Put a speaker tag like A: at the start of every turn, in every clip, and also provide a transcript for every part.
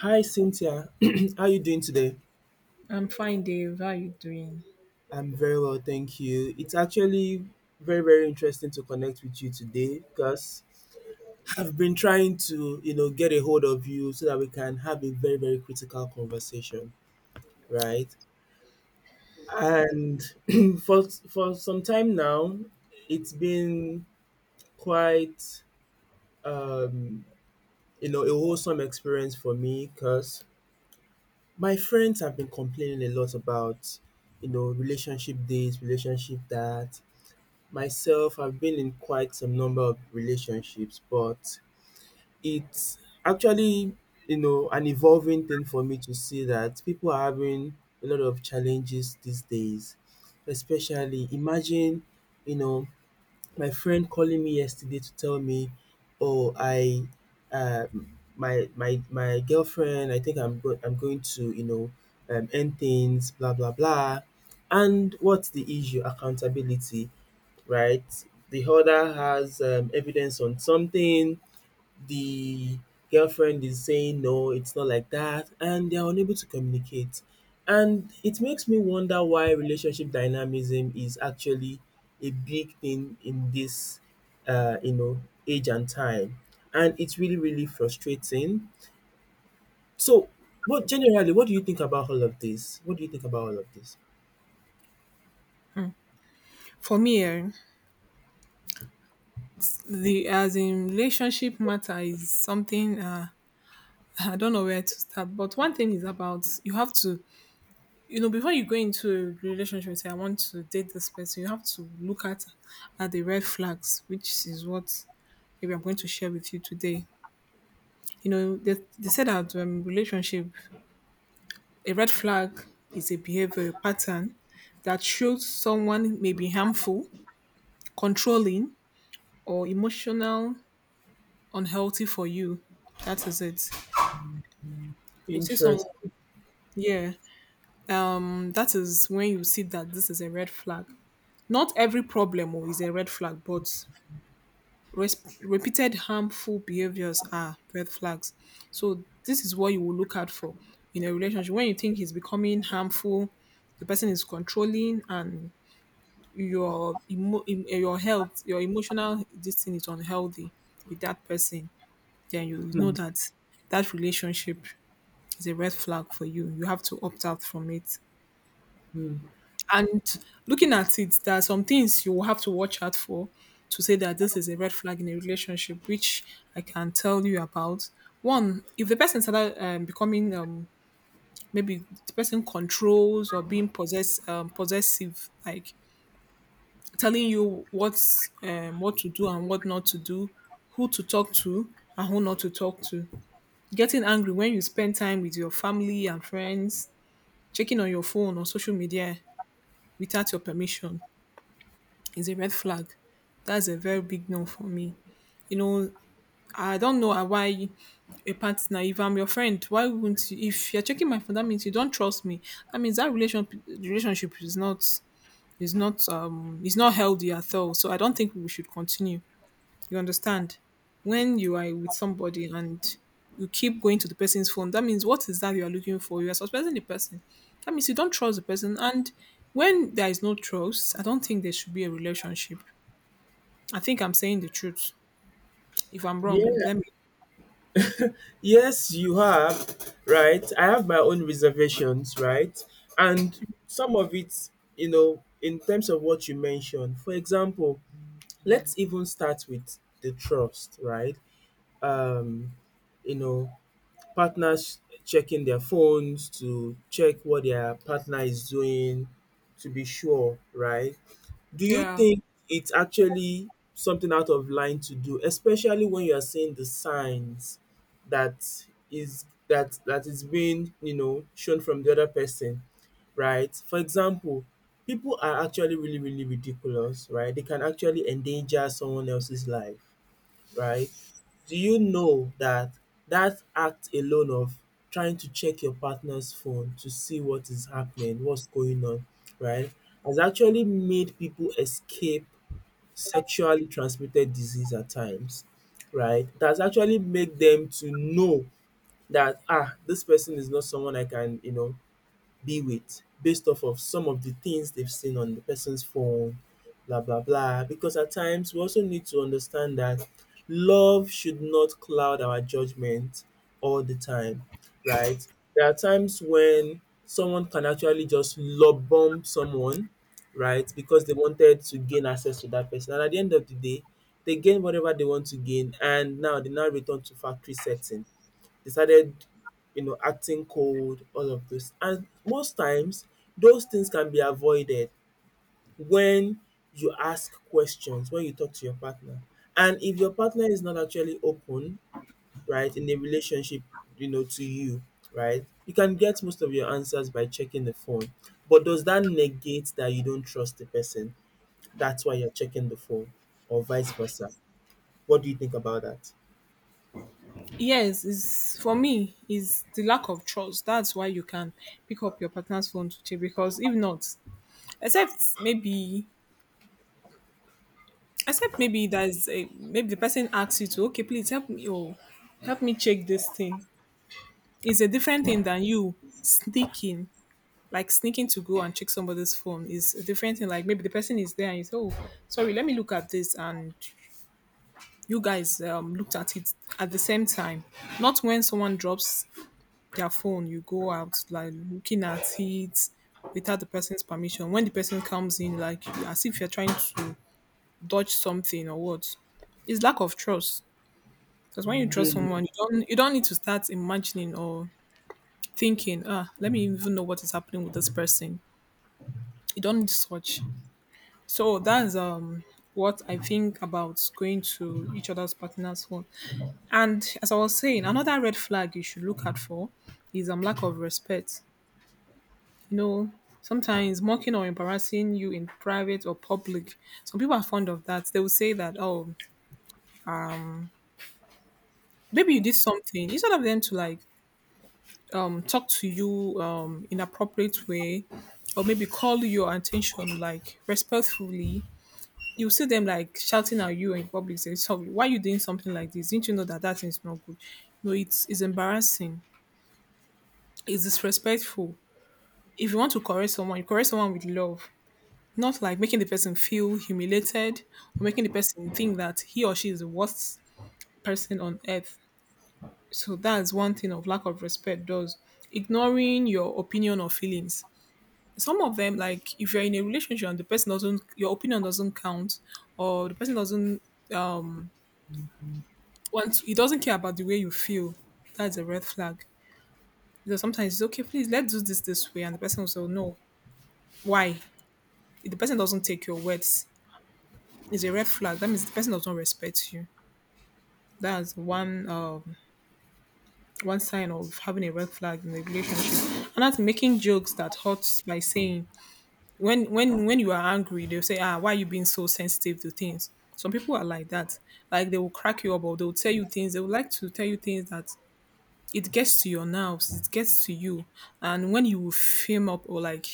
A: Hi, Cynthia. How are you doing today?
B: I'm fine, Dave. How are you doing?
A: I'm very well, thank you. It's actually very, very interesting to connect with you today because I've been trying to, you know, get a hold of you so that we can have a very, very critical conversation, right? And for some time now, it's been quite, um, a wholesome experience for me because my friends have been complaining a lot about you know relationship this relationship that. Myself, I've been in quite some number of relationships, but it's actually, you know, an evolving thing for me to see that people are having a lot of challenges these days. Especially, imagine, you know, my friend calling me yesterday to tell me, "Oh, I, uh, my girlfriend, I think I'm going to, you know, end things, blah blah blah." And what's the issue? Accountability, right? The other has evidence on something. The girlfriend is saying, no, it's not like that. And they're unable to communicate. And it makes me wonder why relationship dynamism is actually a big thing in this, you know, age and time. And it's really, really frustrating. So, what do you think about all of this? What do you think about all of this?
B: For me, the as in relationship matter is something I don't know where to start. But one thing is about you have to, before you go into a relationship, say I want to date this person, you have to look at the red flags, which is what maybe I'm going to share with you today. You know, they said that relationship, a red flag is a behavior pattern that shows someone may be harmful, controlling, or emotional unhealthy for you. That is it. You see someone,
A: Interesting.
B: yeah, that is when you see that this is a red flag. Not every problem oh, is a red flag, but repeated harmful behaviors are red flags. So this is what you will look out for in a relationship. When you think he's becoming harmful, the person is controlling, and your health, your emotional this thing is unhealthy with that person. Then you know
A: Hmm,
B: that that relationship is a red flag for you. You have to opt out from it.
A: hmm.
B: And looking at it, there are some things you will have to watch out for to say that this is a red flag in a relationship, which I can tell you about. One, if the person started becoming maybe the person controls or being possessive, like telling you what to do and what not to do, who to talk to and who not to talk to, getting angry when you spend time with your family and friends, checking on your phone or social media without your permission is a red flag. That's a very big no for me. You know, I don't know why a partner, if I'm your friend, why wouldn't you? If you're checking my phone, that means you don't trust me. That means that relationship is not healthy at all. So I don't think we should continue. You understand? When you are with somebody and you keep going to the person's phone, that means what is that you are looking for? You are suspecting the person. That means you don't trust the person. And when there is no trust, I don't think there should be a relationship. I think I'm saying the truth. If I'm wrong, you
A: Yeah.
B: let me.
A: Yes, you have, right? I have my own reservations, right? And some of it, you know, in terms of what you mentioned, for example, let's even start with the trust, right? Um, you know, partners checking their phones to check what their partner is doing to be sure, right? Do you
B: Yeah.
A: think it's actually something out of line to do, especially when you are seeing the signs that is being, you know, shown from the other person, right? For example, people are actually really, really ridiculous, right? They can actually endanger someone else's life, right? Do you know that that act alone of trying to check your partner's phone to see what is happening, what's going on, right, has actually made people escape sexually transmitted disease at times, right? It has actually made them to know that ah, this person is not someone I can, you know, be with based off of some of the things they've seen on the person's phone, blah, blah, blah. Because at times we also need to understand that love should not cloud our judgment all the time, right? There are times when someone can actually just love bomb someone, right? Because they wanted to gain access to that person. And at the end of the day, they gain whatever they want to gain, and now they now return to factory setting decided, you know, acting cold, all of this. And most times, those things can be avoided when you ask questions, when you talk to your partner. And if your partner is not actually open, right, in a relationship, you know, to you, right, you can get most of your answers by checking the phone. But does that negate that you don't trust the person? That's why you're checking the phone, or vice versa. What do you think about that?
B: Yes, is for me is the lack of trust. That's why you can pick up your partner's phone to check because if not, except maybe except maybe there's, a, maybe the person asks you to, okay, please help me or help me check this thing. It's a different thing than you sneaking, like sneaking to go and check somebody's phone is a different thing. Like maybe the person is there and you say, oh, sorry, let me look at this, and you guys looked at it at the same time. Not when someone drops their phone, you go out like looking at it without the person's permission. When the person comes in, like as if you're trying to dodge something or what. It's lack of trust. Because when you trust someone, you don't need to start imagining or thinking, ah, let me even know what is happening with this person. You don't need such. So that's what I think about going to each other's partner's home. And as I was saying, another red flag you should look out for is lack of respect. You know, sometimes mocking or embarrassing you in private or public. Some people are fond of that. They will say that, oh, maybe you did something. Instead of them to like talk to you in appropriate way or maybe call your attention like respectfully, you see them like shouting at you in public saying sorry why you doing something like this, didn't you know that that is not good? No, it's it's embarrassing, it's disrespectful. If you want to correct someone, you correct someone with love, not like making the person feel humiliated or making the person think that he or she is the worst person on earth. So that's one thing of lack of respect does, ignoring your opinion or feelings. Some of them, like if you're in a relationship and the person doesn't, your opinion doesn't count, or the person doesn't um want, he doesn't care about the way you feel, that's a red flag. Because sometimes it's okay, please let's do this this way, and the person will say, "Oh, no, why?" If the person doesn't take your words, it's a red flag, that means the person doesn't respect you. That's one sign of having a red flag in a relationship. And that's making jokes that hurts by saying, when you are angry, they'll say, "Ah, why are you being so sensitive to things?" Some people are like that. Like they will crack you up, or they'll tell you things. They would like to tell you things that it gets to your nerves, it gets to you, and when you film up or like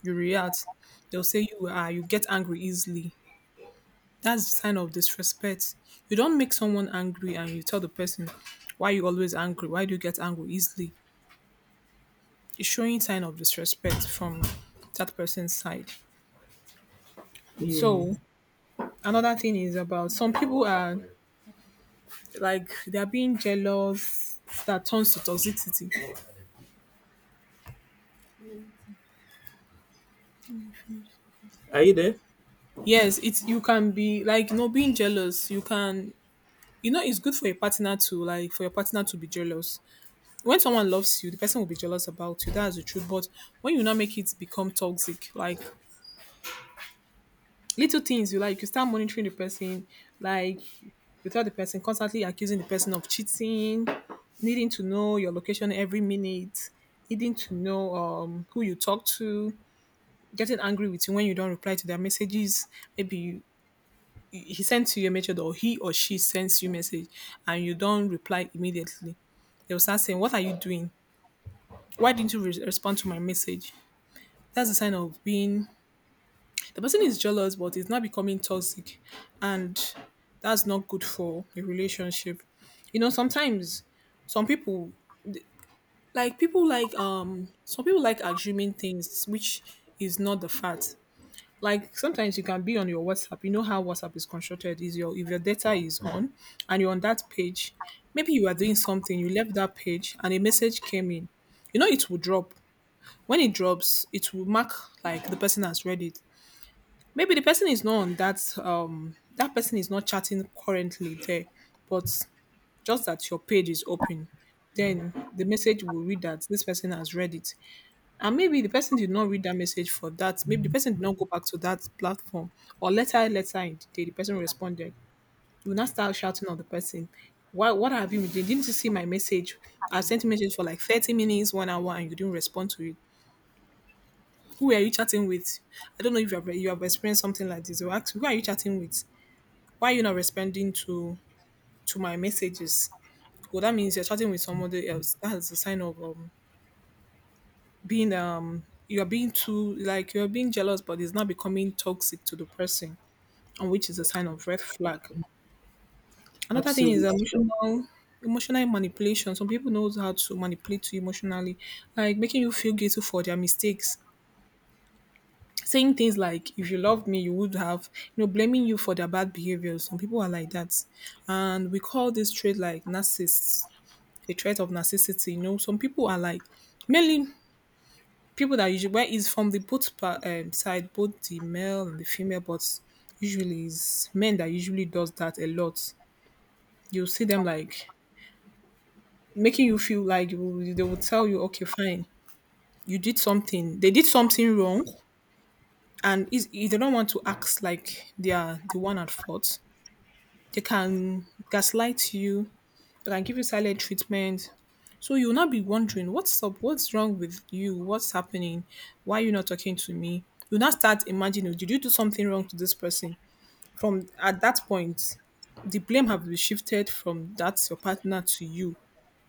B: you react, they'll say you get angry easily. That's the sign of disrespect. You don't make someone angry and you tell the person, why you always angry? Why do you get angry easily? It's showing sign of disrespect from that person's side.
A: Mm.
B: So another thing is about some people are like they're being jealous that turns to toxicity.
A: Are you there?
B: Yes, it's, you can be like, you know, being jealous. You can, you know, it's good for your partner to like, for your partner to be jealous. When someone loves you, the person will be jealous about you, that's the truth. But when you now make it become toxic, like little things you like, you start monitoring the person, like you tell the person, constantly accusing the person of cheating, needing to know your location every minute, needing to know who you talk to, getting angry with you when you don't reply to their messages. Maybe you, he sends you a message, or he or she sends you message and you don't reply immediately, they will start saying, what are you doing? Why didn't you respond to my message? That's a sign of being, the person is jealous but it's not becoming toxic, and that's not good for a relationship. You know, sometimes some people, like people like some people like assuming things which is not the fact. Like sometimes you can be on your WhatsApp. You know how WhatsApp is constructed, is your, if your data is on and you're on that page, maybe you are doing something, you left that page and a message came in, you know, it will drop. When it drops, it will mark like the person has read it. Maybe the person is not on that that person is not chatting currently there, but just that your page is open, then the message will read that this person has read it. And maybe the person did not read that message, for that maybe the person did not go back to that platform, or later in the day the person responded. You will not start shouting on the person, why, what have you been doing? Didn't you see my message? I sent a message for like 30 minutes, 1 hour, and you didn't respond to it. Who are you chatting with? I don't know if you have experienced something like this. Or ask, who are you chatting with? Why are you not responding to my messages? Well, that means you're chatting with somebody else. That is a sign of being you're being too, like you're being jealous but it's not becoming toxic to the person, and which is a sign of red flag. Another thing is
A: Absolutely.
B: emotional, emotional manipulation. Some people knows how to manipulate you emotionally, like making you feel guilty for their mistakes, saying things like, if you loved me you would have, you know, blaming you for their bad behavior. Some people are like that, and we call this trait like narcissists, the threat of narcissism. You know, some people are like, mainly people that usually, where is from the both side, both the male and the female, but usually is men that usually does that a lot. You see them like making you feel like you, they will tell you, okay, fine, you did something, they did something wrong, and is they don't want to act like they are the one at fault. They can gaslight you. They can give you silent treatment. So you'll not be wondering what's up, what's wrong with you, what's happening, why are you not talking to me? You'll now start imagining, "Oh, did you do something wrong to this person?" From at that point, the blame have been shifted from that your partner to you.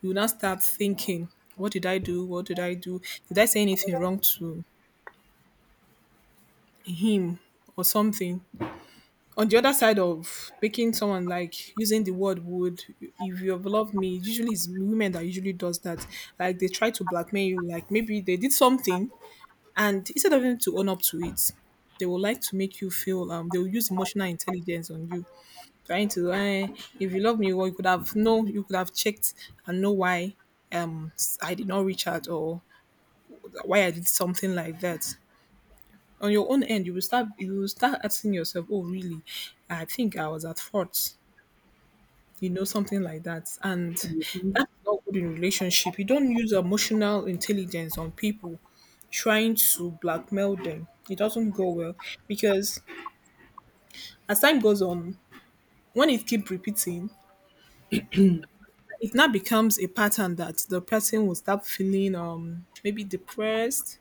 B: You will now start thinking, what did I do? What did I do? Did I say anything wrong to him or something? On the other side of making someone like using the word would, if you have loved me, usually it's women that usually does that. Like they try to blackmail you, like maybe they did something, and instead of them to own up to it, they will like to make you feel they will use emotional intelligence on you, trying to if you love me well you could have no you could have checked and know why um I did not reach out, or why I did something like that. On your own end, you will start asking yourself, oh really, I think I was at fault, something like that. And that's not good in relationship. You don't use emotional intelligence on people trying to blackmail them. It doesn't go well because as time goes on, when it keep repeating, it now becomes a pattern that the person will start feeling maybe depressed,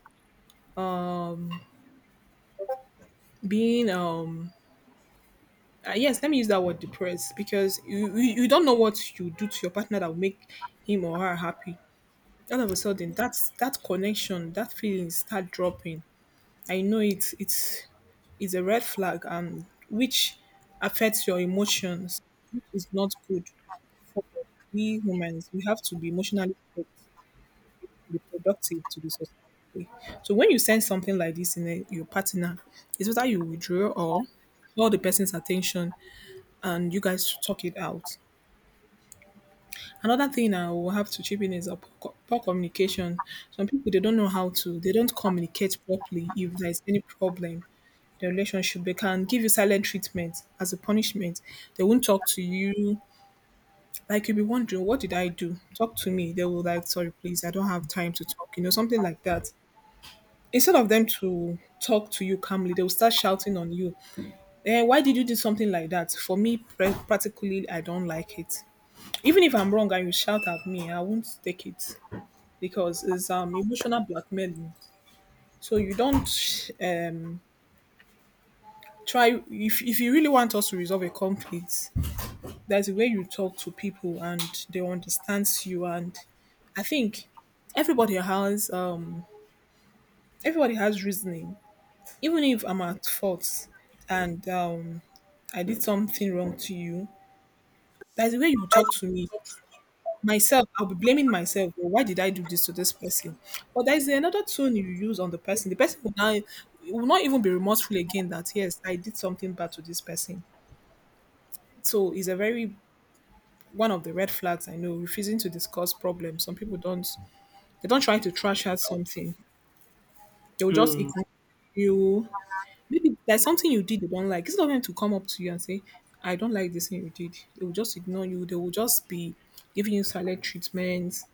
B: being yes, let me use that word, depressed, because you don't know what you do to your partner that will make him or her happy. All of a sudden, that's that connection, that feeling start dropping. I know it's a red flag, and which affects your emotions, which is not good for we humans. We have to be emotionally fit and be productive to be successful. So when you send something like this in a, your partner, it's whether you withdraw or call the person's attention and you guys talk it out. Another thing I will have to chip in is a poor communication. Some people they don't know how to, they don't communicate properly if there is any problem the relationship. They can give you silent treatment as a punishment. They won't talk to you. Like you'll be wondering, what did I do? Talk to me. They will like, sorry, please, I don't have time to talk. Something like that. Instead of them to talk to you calmly, they will start shouting on you. Why did you do something like that? For me, practically, I don't like it. Even if I'm wrong and you shout at me, I won't take it because it's emotional blackmailing. So you don't um try, if you really want us to resolve a conflict, there's a way you talk to people and they understand you. And I think everybody has um everybody has reasoning. Even if I'm at fault and I did something wrong to you, there's a way you talk to me. Myself, I'll be blaming myself, well, why did I do this to this person. But there's another tone you use on the person, the person will not even be remorseful again, that yes, I did something bad to this person. So it's a very one of the red flags I know, refusing to discuss problems. Some people don't They don't try to trash out something. They will just
A: Mm.
B: ignore you. Maybe there's something you did they don't like. It's not going to come up to you and say, I don't like this thing you did. They will just ignore you. They will just be giving you silent treatments.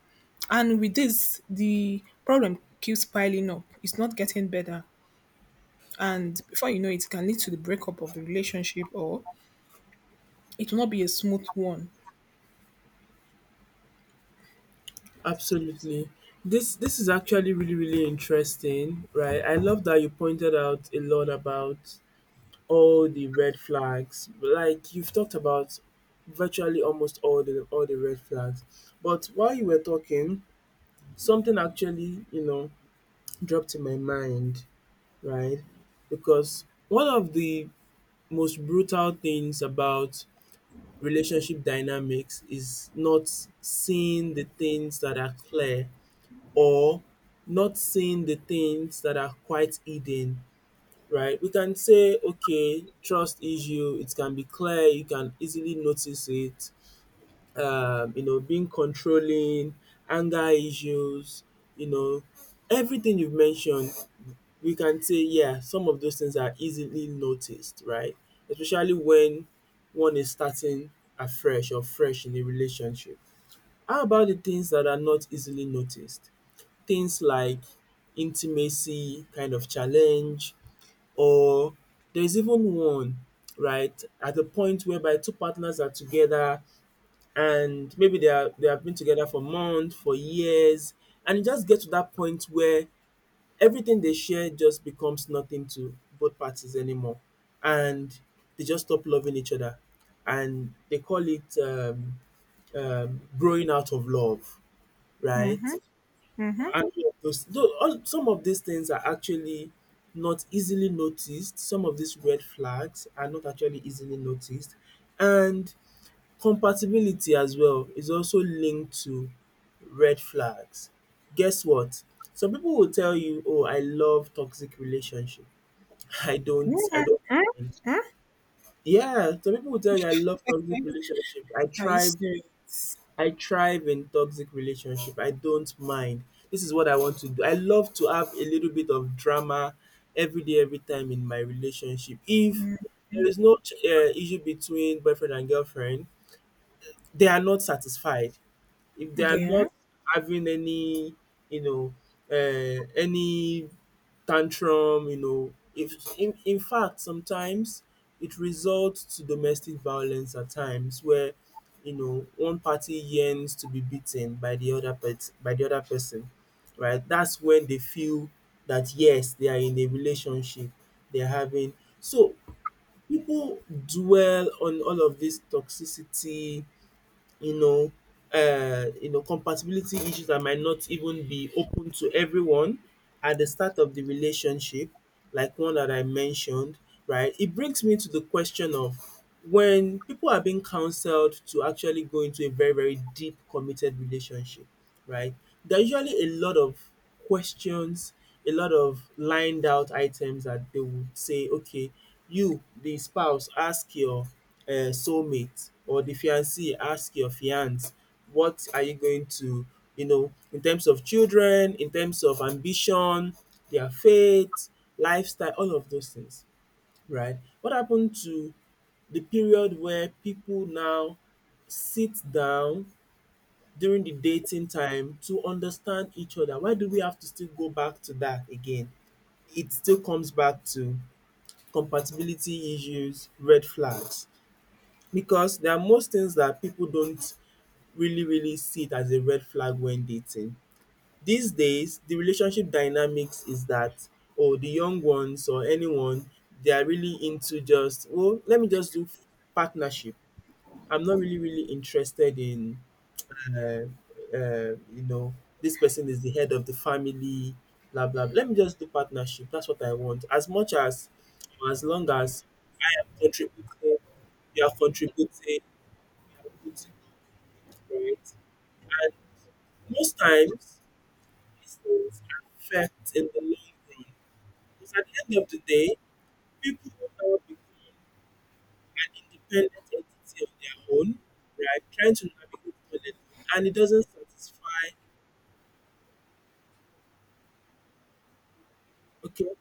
B: And with this, the problem keeps piling up. It's not getting better. And before you know it, it can lead to the breakup of the relationship, or it will not be a smooth one.
A: Absolutely. This is actually really really interesting, right? I love that you pointed out a lot about all the red flags. Like you've talked about virtually almost all the red flags. But while you were talking, something actually, you know, dropped in my mind, right? Because one of the most brutal things about relationship dynamics is not seeing the things that are clear or not seeing the things that are quite hidden, right? We can say, okay, trust issue, it can be clear, you can easily notice it. You know, being controlling, anger issues, you know, everything you've mentioned, we can say, yeah, some of those things are easily noticed, right? Especially when one is starting afresh or fresh in a relationship. How about the things that are not easily noticed? Things like intimacy kind of challenge, or there's even one right at the point whereby two partners are together and maybe they have been together for months, for years, and you just get to that point where everything they share just becomes nothing to both parties anymore, and they just stop loving each other, and they call it growing out of love, right? And all of those, though, all some of these things are actually not easily noticed. Some of these red flags are not actually easily noticed. And compatibility as well is also linked to red flags. Guess what? Some people will tell you, "Oh, I love toxic relationship. I don't I
B: Yeah. Huh?
A: don't"
B: Huh?
A: Yeah, some people will tell you, "I love toxic
B: Okay.
A: relationship.
B: Are you serious?
A: I thrive in toxic relationship. I don't mind. This is what I want to do. I love to have a little bit of drama every day, every time in my relationship. If there is no issue between boyfriend and girlfriend, they are not satisfied. If they are
B: Yeah.
A: not having any, you know, any tantrum, you know, if in fact sometimes it results to domestic violence at times where you know one party yearns to be beaten by the other pet by the other person, right? That's when they feel that yes, they are in a relationship, they're having, so people dwell on all of this toxicity, you know, you know, compatibility issues that might not even be open to everyone at the start of the relationship, like one that I mentioned, right? It brings me to the question of when people are being counseled to actually go into a very, very deep committed relationship, right? There are usually a lot of questions, a lot of lined out items that they would say, okay, you, the spouse, ask your soulmate or the fiancé, ask your fiance, what are you going to, you know, in terms of children, in terms of ambition, their faith, lifestyle, all of those things, right? What happened to the period where people now sit down during the dating time to understand each other? Why do we have to still go back to that again? It still comes back to compatibility issues, red flags, because there are most things that people don't really, really see it as a red flag when dating. These days, the relationship dynamics is that, oh, the young ones or anyone, they are really into just, well, let me just do partnership. I'm not really, really interested in uh, you know, this person is the head of the family, blah blah. Let me just do partnership. That's what I want. As much as, or as long as I am contributing, you are putting up, right? And most times, these things affect in the long run. Because at the end of the day, people will now become an independent entity on their own, right? Trying to navigate all alone, and it doesn't satisfy. Okay,